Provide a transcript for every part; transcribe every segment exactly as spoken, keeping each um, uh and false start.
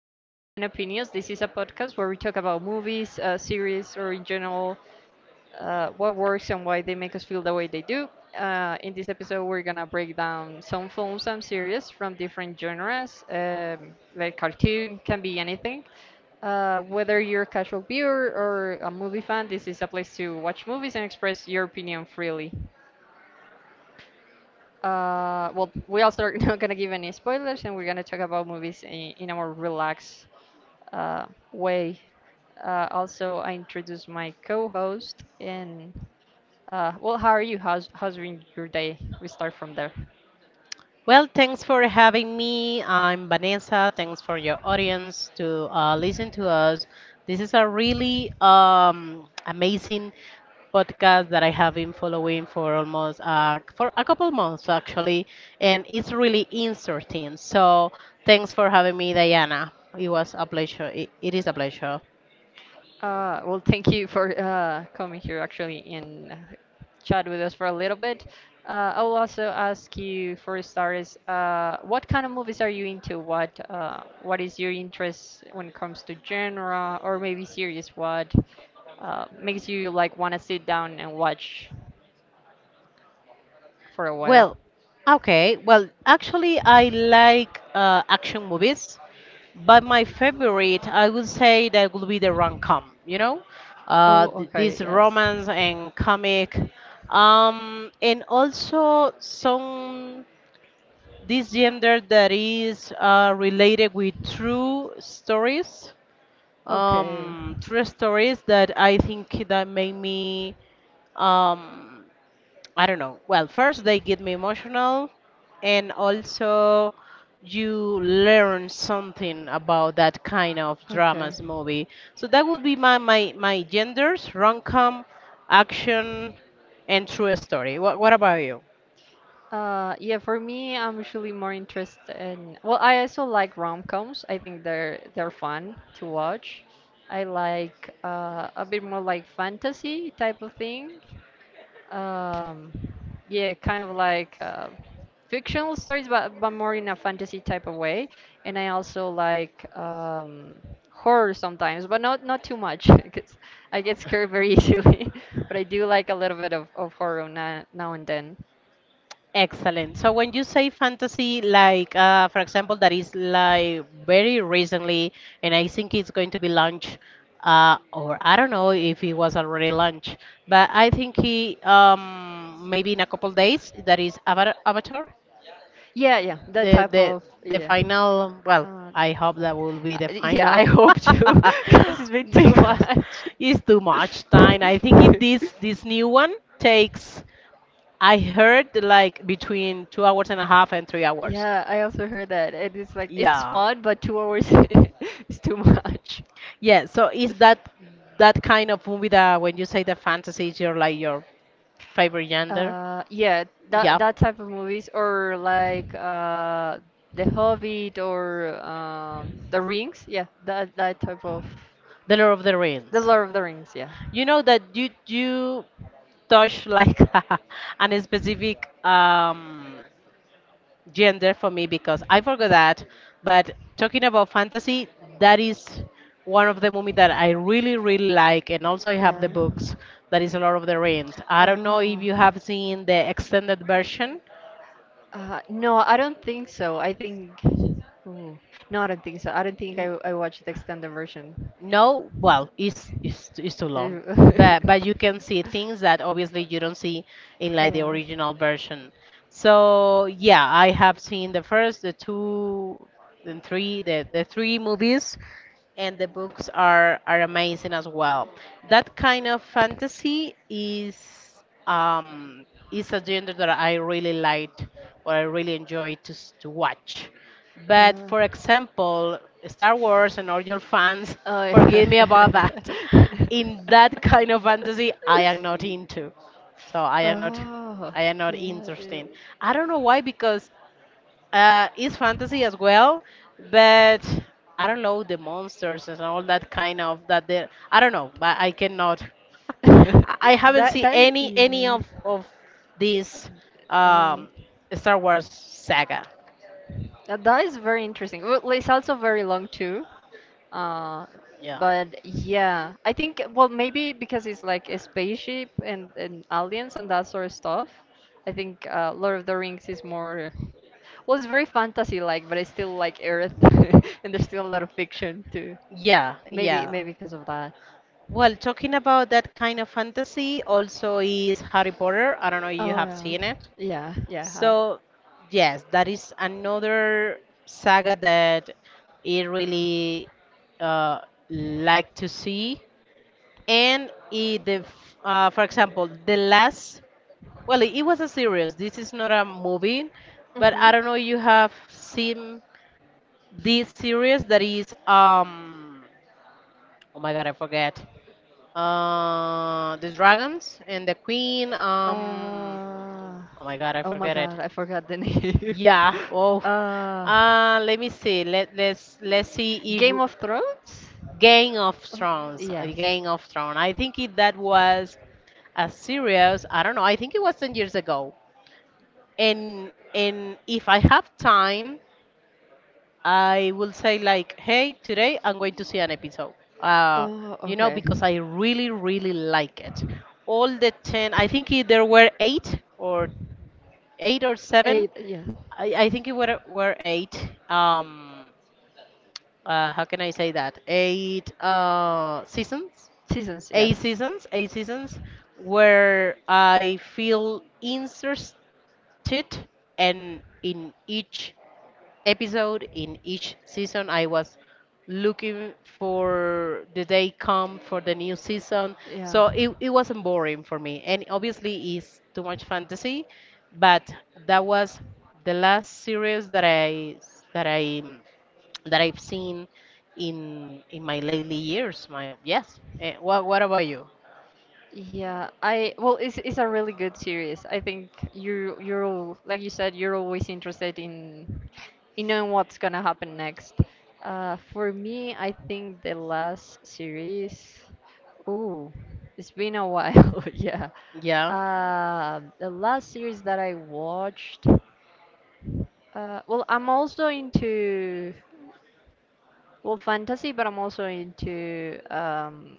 Popcorn and Opinions. This is a podcast where we talk about movies, uh, series, or in general, uh, what works and why they make us feel the way they do. Uh, in this episode, we're gonna break down some films and series from different genres, um, like cartoon, can be anything. Uh, whether you're a casual viewer or a movie fan, this is a place to watch movies and express your opinion freely. Uh, well, we also are not gonna give any spoilers, and we're gonna talk about movies in, in a more relaxed uh, way. Uh, also, I introduce my co-host and uh, well, how are you? How's how's been your day? We start from there. Well, thanks for having me. I'm Vanessa. Thanks for your audience to uh, listen to us. This is a really um, amazing podcast that I have been following for almost uh, for a couple months actually, and it's really interesting. So thanks for having me, Diana. It was a pleasure. it it is a pleasure. Uh, well, thank you for uh, coming here actually and uh, chat with us for a little bit. Uh, I will also ask you for starters, uh, what kind of movies are you into? What uh, what is your interest when it comes to genre or maybe series? What uh, makes you like want to sit down and watch for a while? Well, okay. Well, actually, I like uh, action movies, but my favorite, I would say, that would be the rom-com. You know, Oh, uh, th- okay, this yes. romance and comic, um, and also some this gender that is uh, related with true stories, Okay, um, true stories that I think that make me um, I don't know. Well, first they get me emotional, and also you learn something about that kind of okay. dramas movie. So that would be my my my genders: rom-com, action, and true story. What what about you? Uh, yeah, for me, I'm usually more interested in. Well, I also like rom-coms. I think they're they're fun to watch. I like uh, a bit more like fantasy type of thing. Um, yeah, kind of like uh, fictional stories, but but more in a fantasy type of way. And I also like um, horror sometimes, but not not too much because I get scared very easily. But I do like a little bit of, of horror now, now and then. Excellent. So when you say fantasy, like uh, for example, that is like very recently, and I think it's going to be launched, uh, or I don't know if it was already launched, but I think he um, maybe in a couple days that is Ava- Avatar, Yeah, yeah, that the type the of, the yeah. final. Well, Uh, I hope that will be uh, the yeah, final I hope to, because it's been too because much. it's too much time. I think it, this this new one takes. I heard like between two hours and a half and three hours. Yeah, I also heard that. It is like it's Yeah. fun, but two hours is too much. Yeah, so is that that kind of movie that when you say the fantasy is your like your favorite genre? Uh, yeah, that Yeah. that type of movies or like uh, The Hobbit or um, The Rings. Yeah, that that type of The Lord of the The Rings. Lord of the Rings. Yeah. You know that you you touch like an specific um gender for me because I forgot that. But talking about fantasy, that is one of the movies that I really, really like. And also, I have the Yeah. books that is Lord of the Rings. I don't know if Oh. you have seen the extended version. Uh, no, I don't think so. I think. Ooh. No, I don't think so. I don't think I, I watched the extended version. No, well, it's, it's it's too long, Ew. but but you can see things that obviously you don't see in like the Yeah. original version. So yeah, I have seen the first, the two, then three, the the three movies, and the books are are amazing as well. That kind of fantasy is um is a genre that I really liked, or I really enjoyed to s- to watch. But Yeah. for example, Star Wars and all your fans, Oh, forgive me yeah. about that. In that kind of fantasy, I am not into. So I am not, Oh, I am not yeah. Yeah. interested. I don't know why because uh, it's fantasy as well, but I don't know the monsters and all that kind of that. There, I don't know, but I cannot. I I haven't that seen that any any yeah. of of this Um, um, Star Wars saga. that that is very interesting. Well, like, it's also very long too. Uh, Yeah. but yeah, I think well maybe because it's like a spaceship and, and aliens and that sort of stuff. I think uh, Lord of the Rings is more, well, it's very fantasy like, but it's still like Earth, and there's still a lot of fiction too. Yeah, Maybe yeah. maybe because of that. Well, talking about that kind of fantasy also is Harry Potter. I don't know if you Oh have yeah, seen it. yeah, yeah. I have. So, yes, that is another saga that I really uh, like to see. And it, the, f- uh, For example, the last, well, it was a series. This is not a movie, but I don't know you Mhm. have seen this series that is, um, oh my God, I forget. Uh, the dragons and the queen. Um, oh my God, I I, oh my forget it. forgot, god, I forgot the name. Yeah. Awful. Oh. Uh, Um, Uh, let me see. Let let's let's see Game if. of Thrones? Game of Thrones. uh, Game of Thrones. I think it, that was a series. I don't know. I think it was ten years ago. And and if I have time, I will say like, hey, today I'm going to see an episode. Uh, you know, because I really, really like it. All the ten, I think it, there were eight or eight or seven. Yeah. I, I think it were, were eight. Um, uh, how can I say that? Eight uh, seasons Seasons, eight seasons, eight seasons, where I feel interested, and in each episode, in each season, I was looking for the day come for the new season. So it, it wasn't boring for me, and obviously it's too much fantasy, but that was the last series that I that I that I've seen in in my lately years. My yes. Eh, what what about you? Yeah, I well, it's it's a really good series. I think you you're al- like you said, you're always interested in in knowing what's gonna happen next. Uh, for me, I think the last series, ooh, it's been a while. Yeah, Yeah. uh, the last series that I watched. Uh, well, I'm also into, well, fantasy, but I'm also into, um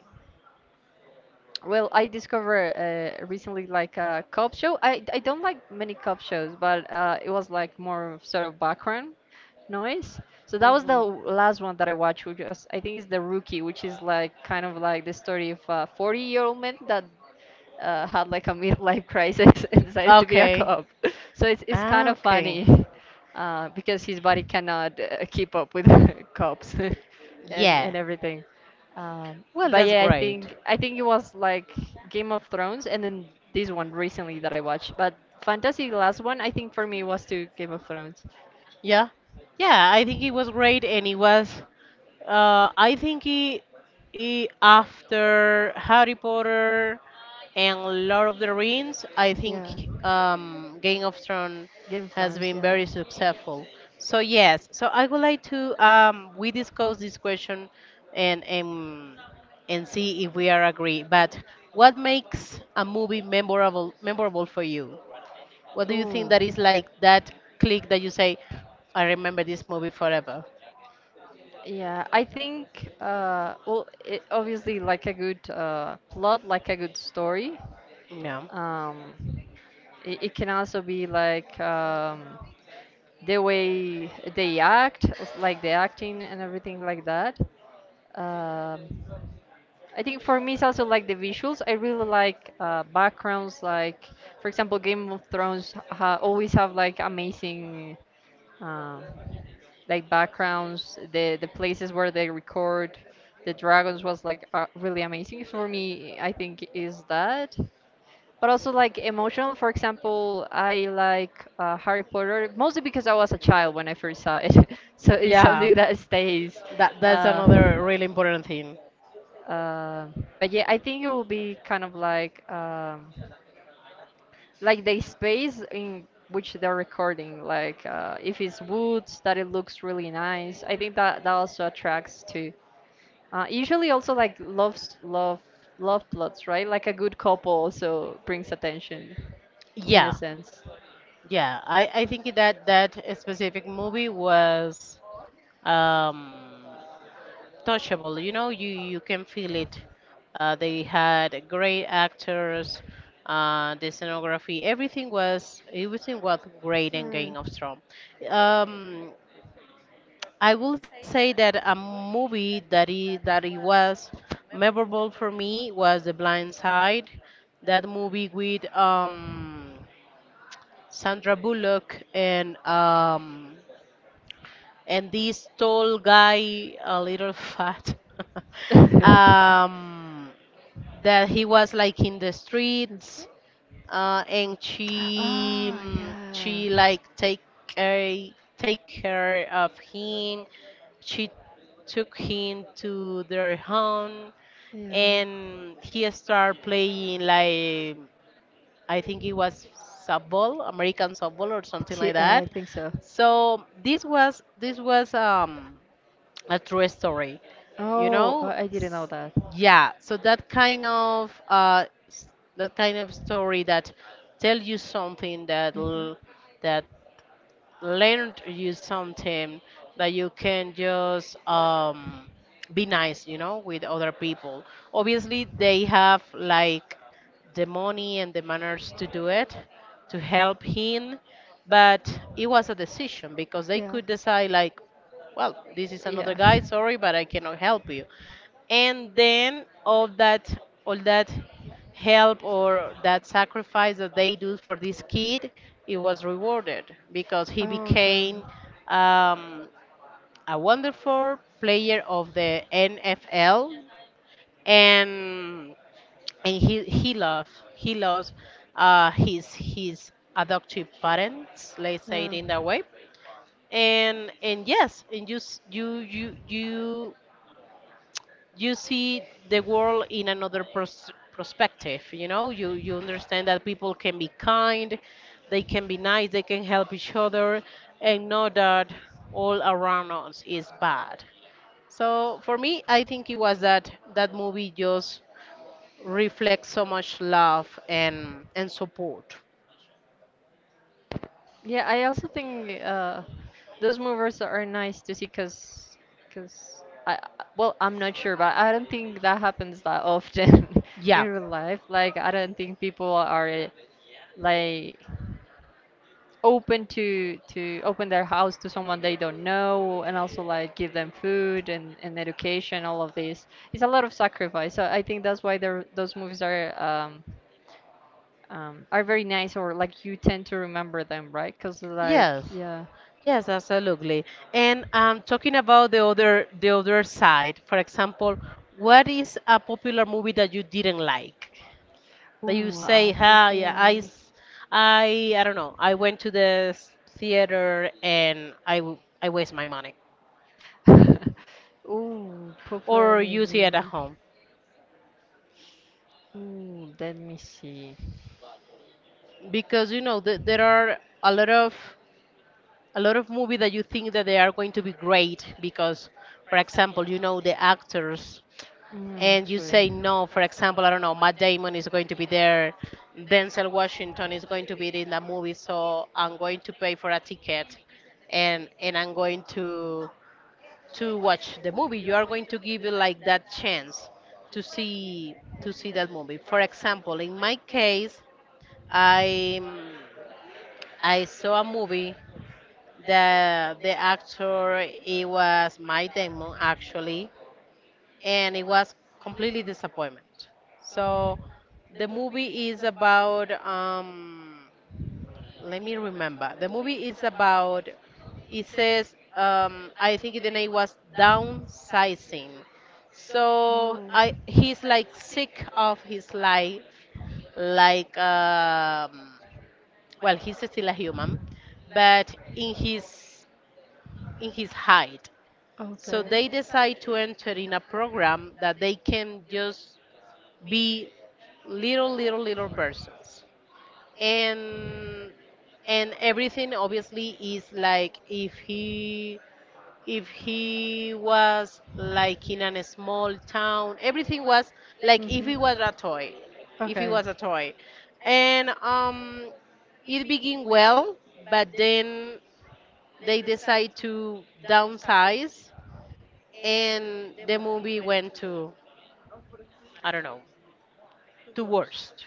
well, I discovered uh, recently like a cop show. I, I don't like many cop shows, but uh, it was like more of sort of background noise. So that was the Hmm. last one that I watched, which was, I think is The Rookie, which is like kind of like the story of a forty-year-old man that uh, had like a midlife crisis and decided to be a, okay, Okay. cop. So it's it's kind Ah, of okay. funny uh, because his body cannot uh, keep up with cops and, yeah, and Yeah. everything. Um, Well, but that's yeah, I great. think I think it was like Game of Thrones, and then this one recently that I watched. But fantasy, the last one, I think for me was to Game of Thrones. Yeah. Yeah, I think it was great and it was uh I think it, it after Harry Potter and Lord of the Rings, I think Yeah, um Game of Thrones Game of has Thrones. been Yeah. very successful. So yes, so I would like to um we discuss this question and and and see if we are agree. But what makes a movie memorable memorable for you? What do you think Ooh. that is like that click that you say, I remember this movie forever? Yeah, I think uh well it obviously like a good uh plot, like a good story. Yeah. Um it, it can also be like um the way they act, like the acting and everything like that. Um I think for me it's also like the visuals. I really like uh, backgrounds, like for example, Game of Thrones ha always have like amazing um, like backgrounds. The the places where they record the dragons was like uh, really amazing for me. I think is that but also like emotional. For example, I like uh, Harry Potter mostly because I was a child when I first saw it, so it's Yeah. something that stays. That that's Uh, another really important thing. uh, but yeah, I think it will be kind of like um, like the space in which they're recording. Like uh, if it's woods, that it looks really nice. I think that that also attracts too. Uh, usually also like loves love love plots, right? Like a good couple also brings attention in a Yeah, sense. yeah. I I think that that specific movie was um touchable. You know, you you can feel it. Uh, they had great actors, uh, the scenography, everything was everything was great in Game of Thrones. Um, I will say that a movie that is that it was memorable for me was The Blind Side. That movie with um, Sandra Bullock and um, and this tall guy, a little fat, Mm. um, that he was like in the That's- streets, uh, and she ah, mm, yeah, she like take care take care of him. She took him to their home, yeah. and he started playing like I think it was softball, American softball or something She, like uh, that. I think so. So this was this was um, a true story, you Oh, know. I I didn't know that. Yeah. So that kind of uh, s- that kind of story that tell you something that l- that learned you something that you can just um, be nice, you know, with other people. Obviously, they have like the money and the manners to do it, to help him, but it was a decision because they could decide, like, well, this is another guy, sorry, but I cannot help you. And then all that, all that help or that sacrifice that they do for this kid, it was rewarded because he Okay. became um, a wonderful player of the N F L and and he he loves he loves uh, his his adoptive parents, let's say it in that way. And and yes, and you s- you you you you see the world in another pers- perspective. You know, you you understand that people can be kind, they can be nice, they can help each other, and know that all around us is bad. So for me, I think it was that that movie just reflects so much love and and support. Yeah, I also think uh, those movers are nice to see because because I I- well, I'm not sure, but I don't think that happens that often Yeah. in real life. Like I don't think people are like open to to open their house to someone they don't know and also like give them food and, and education all of this, it's a lot of sacrifice, so I think that's why they're, those movies are um, um, are very nice, or like you tend to remember them, right, because like, Yes. yeah. Yes, absolutely. And um, talking about the other the other side, for example, what is a popular movie that you didn't like? That you Ooh, a say, "Hi, yeah, I, popular s- I, I don't know. I went to the s- theater and I, w- I waste my money." move. Ooh, popular Or you see it at movie. home Ooh, let me see. because you know th- there are a lot of a lot of movies that you think that they are going to be great because, for example, you know the actors Mm, and you true. say Oh. no, for example, I don't know, Matt Damon is going to be there, Denzel Washington is going to be in the movie, so I'm going to pay for a ticket and and I'm going to to watch the movie. You are going to give it like that chance to see to see that movie. For example, in my case, I I saw a movie that the actor it was Matt Damon actually and it was completely disappointment. So the movie is about um let me remember. The movie is about it says um I think the name was downsizing. So I he's like sick of his life like um well he's still a human but in his in his height, so they decide to enter in a program that they can just be little little little persons, and and everything obviously is like if he if he was like in a small town, everything was Okay. like if Mhm. he was a toy, if he Okay. was a toy and um it began well, but then they decide to downsize and the movie went to I don't know, to worst.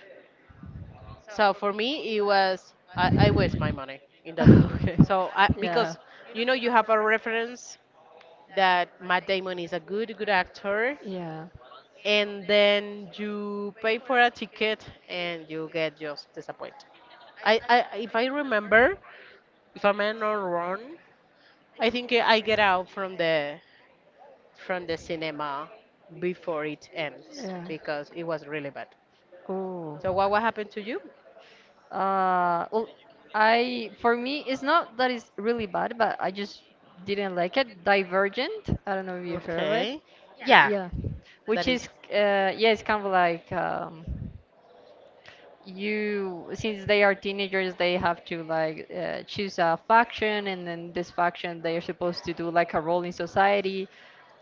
So for me, it was I, I waste my money in that movie. Okay. So I, Yeah. because you know you have a reference that Matt Damon is a good good actor, Yeah. and then you pay for a ticket and you get just disappointed. I, I if I remember, if I'm not wrong, I think I get out from the from the cinema before it ends Yeah. because it was really bad. Oh. So what what happened to you? Uh, well, I for me it's not that it's really bad, but I just didn't like it. Divergent. I don't know if you heard of it. Okay, yeah, Yeah. that Which is is, uh yeah, it's kind of like, um you, since they are teenagers, they have to like, uh, choose a faction, and then this faction they are supposed to do like a role in society.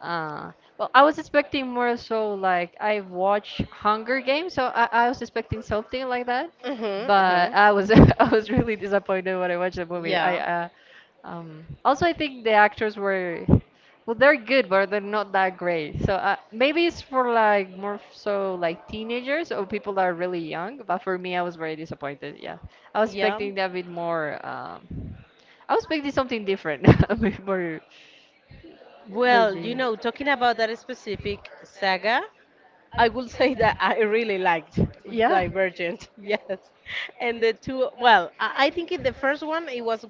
uh, well, I was expecting more, so like I watched Hunger Games, so i, I was expecting something like that, Mhm, but mhm. I was I was really disappointed when I watched the movie. I Yeah, uh, um, Also, I think the actors were, well, they're good, but they're not that great. So uh, maybe it's for like more f- so like teenagers or people that are really young. But for me, I was very disappointed. Yeah, I was yeah. expecting that a bit more. Um, I was expecting something different, a bit more. more Well, you di- know, talking about that specific saga, I will say that I really liked yeah. Divergent. Yes. And the two, well, I, I think in the first one it was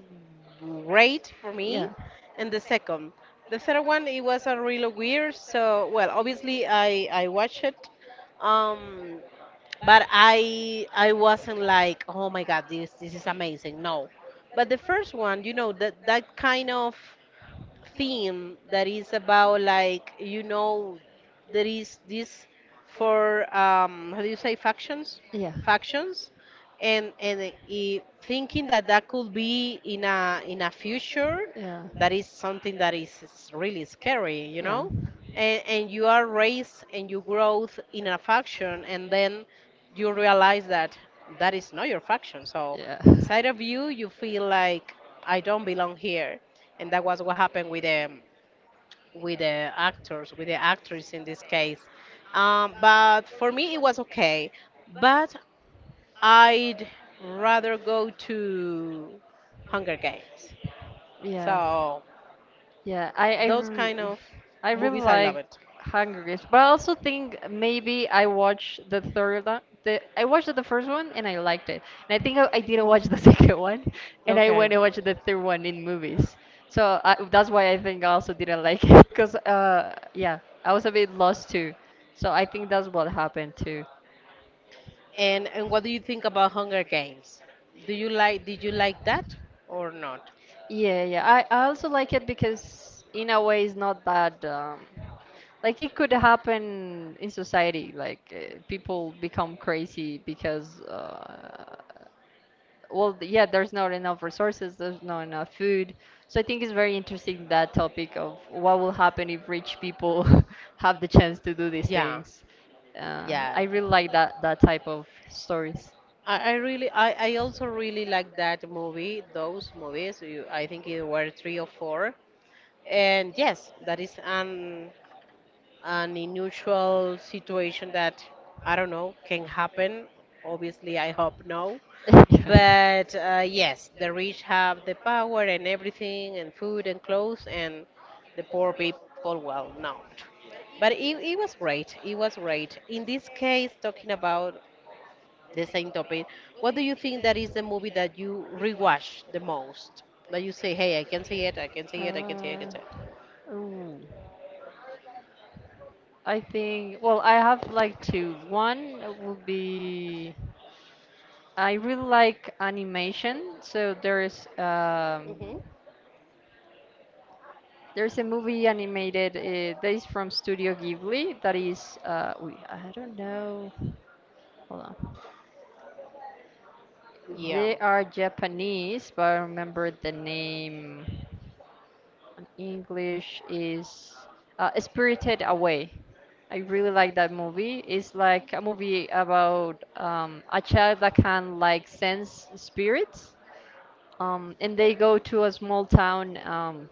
great for me, Yeah. and the second. The third one it was a really weird, so well, obviously I I watched it. Um but I I wasn't like, oh my God, this this is amazing. No, but the first one, you know, that that kind of theme that is about, like, you know, there is this, for um how do you say, factions Yeah. factions and and i- thinking that that could be in a in a future, Yeah. that is something that is is really scary, you Yeah. know. And, and you are raised and you growth in a faction, and then you realize that that is not your faction. So Yeah. inside of you, you feel like, I don't belong here. And that was what happened with the with the actors, with the actress in this case. Um, but for me it was okay. But I'd rather go to Hunger Games, Yeah. so Yeah. I I, those re- kind of I really movies i love like it Hunger Games, but I also think maybe I watched the third one. The, I watched the first one and I liked it. And I think I, I didn't watch the second one, and I Okay. went and watched the third one in movies. So I, that's why I think I also didn't like it, because uh yeah, I was a bit lost too. So I think that's what happened too. And and what do you think about Hunger Games? Do you like did you like that or not? Yeah, yeah. I, I also like it because in a way it's not that um, like it could happen in society. Like uh, people become crazy because uh, well, th- yeah, there's not enough resources, there's not enough food. So I think it's very interesting that topic of what will happen if rich people have the chance to do these Yeah, things. Uh, yeah. I really like that that type of stories. I, I really I, I also really like that movie, those movies. you, I think it were three or four. And yes, that is an an unusual situation that, I don't know, can happen. Obviously I hope no. But uh, yes, the rich have the power and everything, and food and clothes, and the poor people, well, not. But it, it was great, it was great in this case, talking about the same topic. What do you think that is the movie that you rewatch the most, that you say, hey, I can see it, I can see it, I can see it, I Can can see it? see it. Uh, ooh. I think, well, I have like two. One will be, I really like animation, so there's um Hmm. there's a movie animated uh, that is from Studio Ghibli that is, uh we, I don't know. Hold on. Yeah. They are Japanese, but I remember the name in English is uh, Spirited Away. I really like that movie. It's like a movie about um, a child that can like sense spirits, um, and they go to a small town. Um,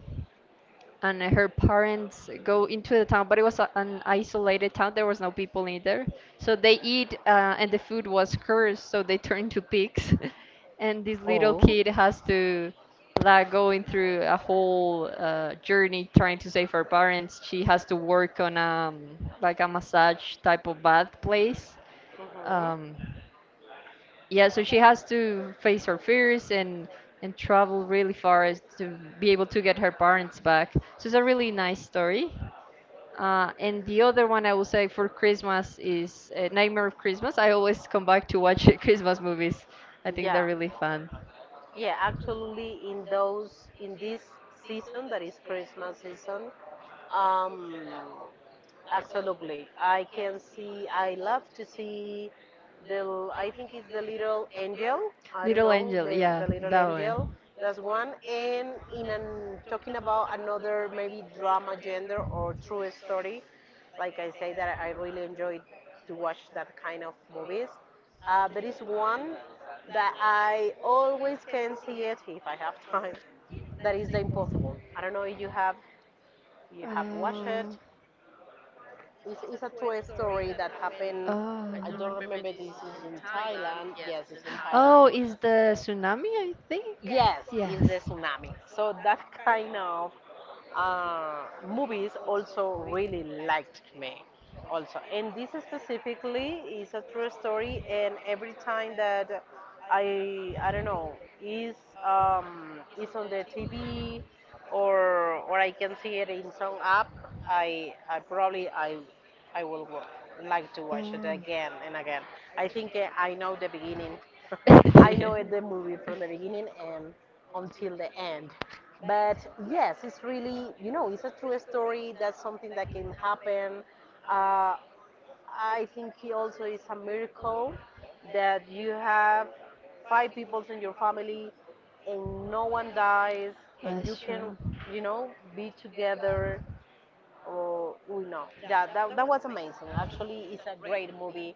And her parents go into the town, but it was a, an isolated town. There was no people in there, so they eat, uh, and the food was cursed, so they turn to pigs, and this little All. kid Hmm. has to like going through a whole uh, journey trying to save her parents. She has to work on, um like a massage type of bath place. Um, yeah, so she has to face her fears and and travel really far as to be able to get her parents back. So it's a really nice story. Uh, and the other one I will say for Christmas is uh, Nightmare of Christmas. I always come back to watch Christmas movies. I think Yeah. they're really fun. Yeah, actually in those in this season that is Christmas season, um absolutely, I can see, I love to see the, I think it's The Little Angel. I don't Little know, Angel, the, yeah, the Little that Angel. one. That's one. And in an, talking about another maybe drama gender or true story, like I say that I really enjoy to watch that kind of movies. Uh, there is one that I always can see it if I have time. That is The Impossible. I don't know if you have you have watched it. Oh. It's, it's a true story that happened. Oh. I don't remember, this is in Thailand. Yes, it's in Oh, Thailand. is the tsunami, I think? Yes, it's the Yes. tsunami. So that kind of uh, movies also really liked me. Also, and this specifically is a true story. And every time that I, I don't know, is um, is on the T V, or or I can see it in some app, I I probably I I will wa- like to watch it again and again. I think uh, I know the beginning. I know it, the movie from the beginning and until the end. But yes, it's really, you know, it's a true story. That's something that can happen. Uh, I think it also is a miracle that you have five people in your family and no one dies, and you That's can, true. you know, be together. Oh, we know. Yeah, that, that was amazing. Actually, it's a great movie.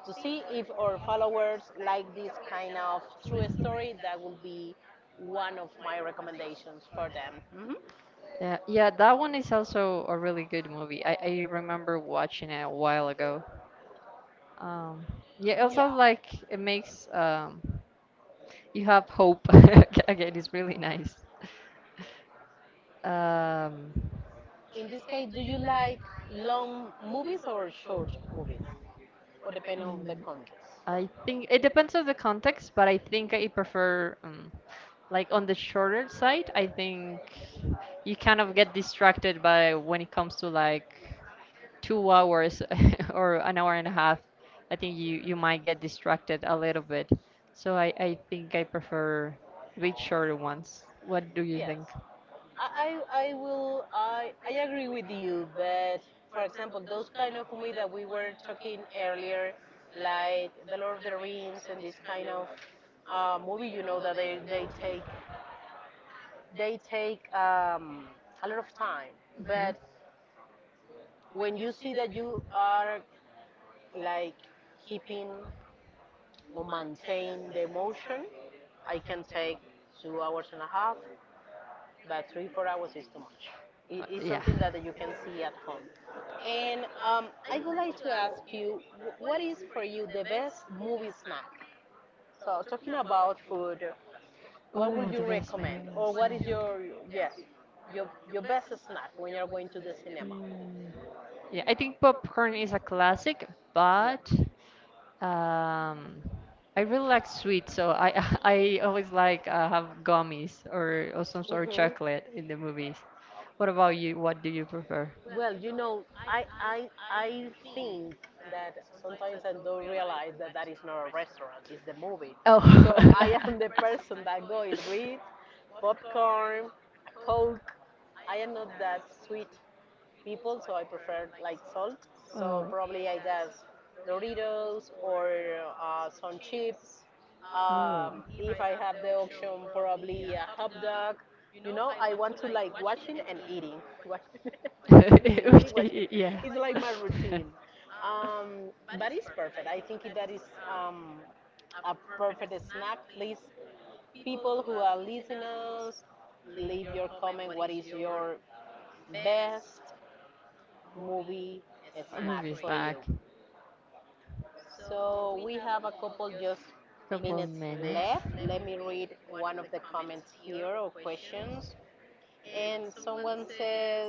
To see if our followers like this kind of true story, that will be one of my recommendations for them. Hmm. Yeah, yeah, that one is also a really good movie. I, I remember watching it a while ago. Um, yeah, also Yeah. like it makes, um, you have hope. Again, it's really nice. Um, In this case, do you like long movies or short movies? Or depending on the mm, context. I think it depends on the context, but I think I prefer, um, like on the shorter side. I think you kind of get distracted by when it comes to like two hours or an hour and a half. I think you you might get distracted a little bit. So I I think I prefer bit shorter ones. What do you Yes, think? I, I, I will. I, I agree with you. But for example, those kind of movies that we were talking earlier, like The Lord of the Rings and this kind of uh, movie, you know, that they, they take they take um, a lot of time. But when you see that you are like keeping or maintain the emotion, I can take two hours and a half, but three four hours is too much. It, Uh, it's Yeah. something that you can see at home. And um, I would like to ask you, what is for you the best movie snack? So talking about food, what would Oh, you the best recommend, meal or what is snack. your, yes, your your best snack when you're going to the cinema? Mm. Yeah, I think popcorn is a classic, Yeah. but um, I really like sweets, so I I always like uh, have gummies or, or some sort of Hmm. chocolate in the movies. What about you? What do you prefer? Well, you know, I, I, I think that sometimes I don't realize that that is not a restaurant, it's the movie. Oh. So I am the person that goes with popcorn, a Coke. I am not that sweet people, so I prefer like salt. So Oh. probably I guess Doritos or uh, some chips. Um, Ooh. If I have the option, probably a hot dog. You know, I want to like watching and eating, watch, watching and eating, Which- watching. y- y- It's Yeah. like my routine. Um, but it's perfect. I think that is um, a perfect snack. Please, people who are listeners, leave your comment. What is your best movie A snack movie for you? snack. So we have a couple just Couple minutes minutes. left. Let me read one of the comments here or questions. And someone says,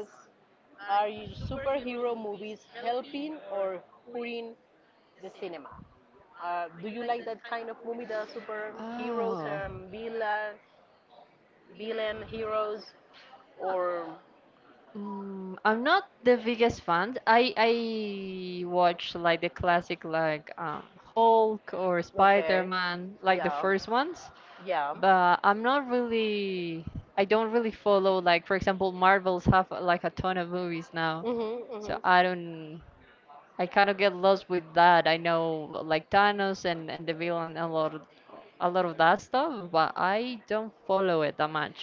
"Are you superhero movies helping or hurting the cinema? Uh, do you like that kind of movie, the Rosa, superheroes oh, and villain, villain heroes, or mm, I'm not the biggest fan. I I watch like the classic like um, Hulk or Okay. Spider-Man, like the Yeah. first ones. Yeah. But I'm not really, I don't really follow, like for example, Marvels have uh, like a ton of movies now. Mhm. So Mhm. I don't. I kind of get lost with that. I know like Thanos and and the villain a lot of- a lot of that stuff, but I don't follow it that much.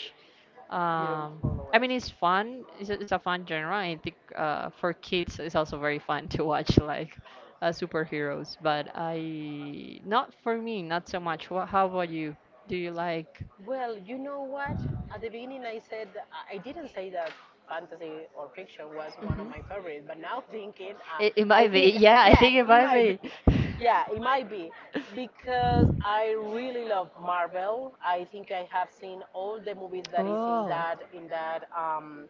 You don't Um, follow I it. mean, it's fun. It's a, it's a fun genre. I think uh, for kids, it's also very fun to watch like uh, superheroes. But I, not for me, not so much. What, how about you? Do you like? Well, you know what? At the beginning, I said I I didn't say that fantasy or fiction was one of my favorites, but now thinking, uh, It, it I might be. think Yeah, I yeah, yeah, think it it it might might be. be. be Yeah, it might be because I really love Marvel. I think I have seen all the movies that is in that in that um,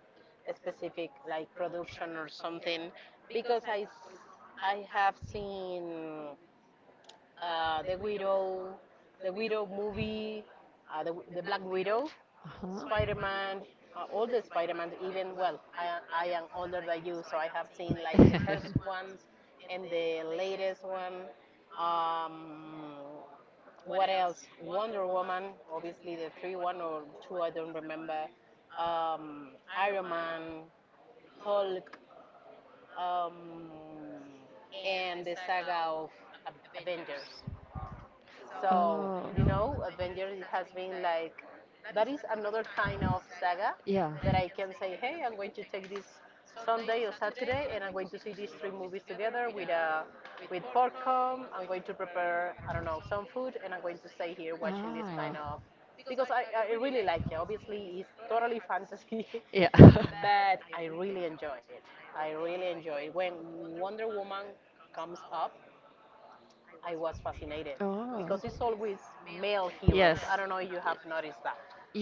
specific like production or something, because I s- I have seen uh, the Widow, the Widow movie, uh, the, the Black Widow, Spider Man, uh, all the Spider Man. Even well, I I am older than you, so I have seen like the first ones and the latest one. Um, what else? Wonder Woman, obviously the three, one or two, I don't remember. Um, Iron Man, Hulk, um, and the saga of Avengers. So, you know, Avengers has been like that is another kind of saga Yeah. that I can say, hey, I'm going to take this Sunday or Saturday and I'm going to see these three movies together with a with popcorn. I'm going to prepare, I don't know, some food and I'm going to stay here watching this kind Ah. of, because I, I really like it. Obviously, it's totally fantasy, Yeah. but I really enjoy it. I really enjoy it. When Wonder Woman comes up, I was fascinated because it's Oh. always male heroes. Yes. I Yes. don't know if you have noticed that.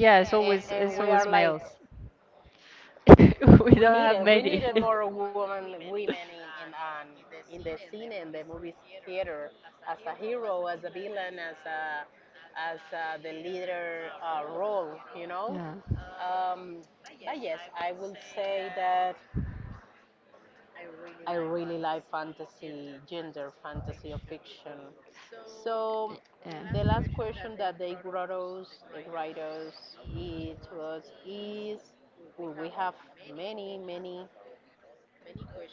Yes. it's And, always and we it's are always like, males. we We don't needed, have we needed many. more women, women in in um, in the scene and the movie theater, as a hero, as a villain, as a, as uh, the leader uh, role, you know. Yeah. Um, but yes, I will say that I really like fantasy, gender fantasy or fiction. So Uh, the uh, last question that they wrote us, the writers is to us is, well, we have many, many,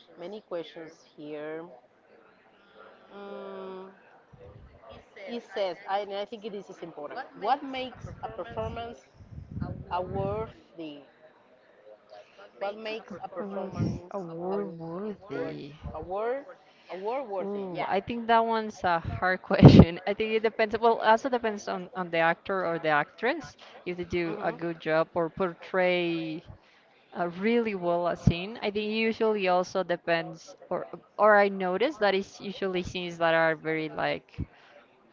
many questions here. Mm, it says, I- and I think this is important. What makes a performance a worthy? What makes a Performance award performance award worthy. award award worthy? Yeah. Ooh, I think that one's a hard question. I think it depends. Well, also depends on on the actor or the actress if they do a good job or Hmm. portray uh, really well a scene. I think usually also depends, or or I notice that it's usually scenes that are very like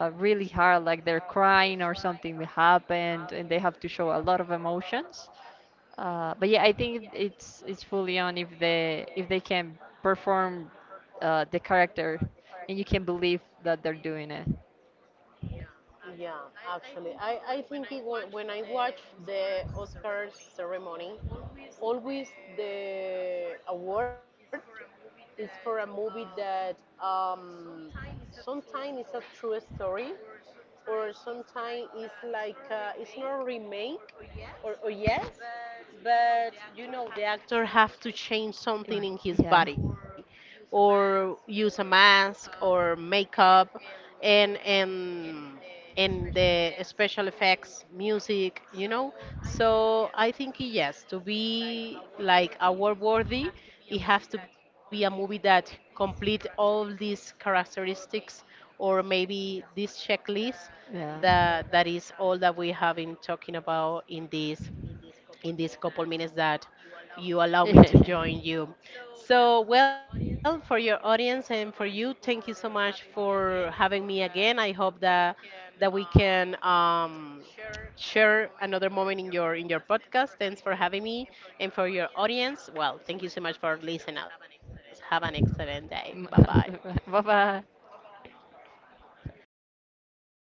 uh, really hard, like they're crying or something happened, and they have to show a lot of emotions. Uh, but yeah, I think it's it's fully on if they if they can perform uh, the character, and you can believe that they're doing it. Yeah, actually, I, I think it, wa- when I watch the Oscars ceremony, always the award is for a movie that um, sometimes it's a true story, or sometimes it's like uh, it's not remake or, or yes, but you know the actor have to change Mm, something in his yeah, body or use a mask or makeup, and and and the special effects, music, you know. So I think yes, to be like award worthy, it has to be a movie that complete all these characteristics, or maybe this checklist, yeah. that that is all that we have been talking about in this in these couple minutes that you allow me to join you. So, well, for your audience and for you, thank you so much for having me again. I hope that that we can um, share another moment in your in your podcast. Thanks for having me and for your audience. Well, thank you so much for listening us. Have an excellent day. Bye bye. Bye bye.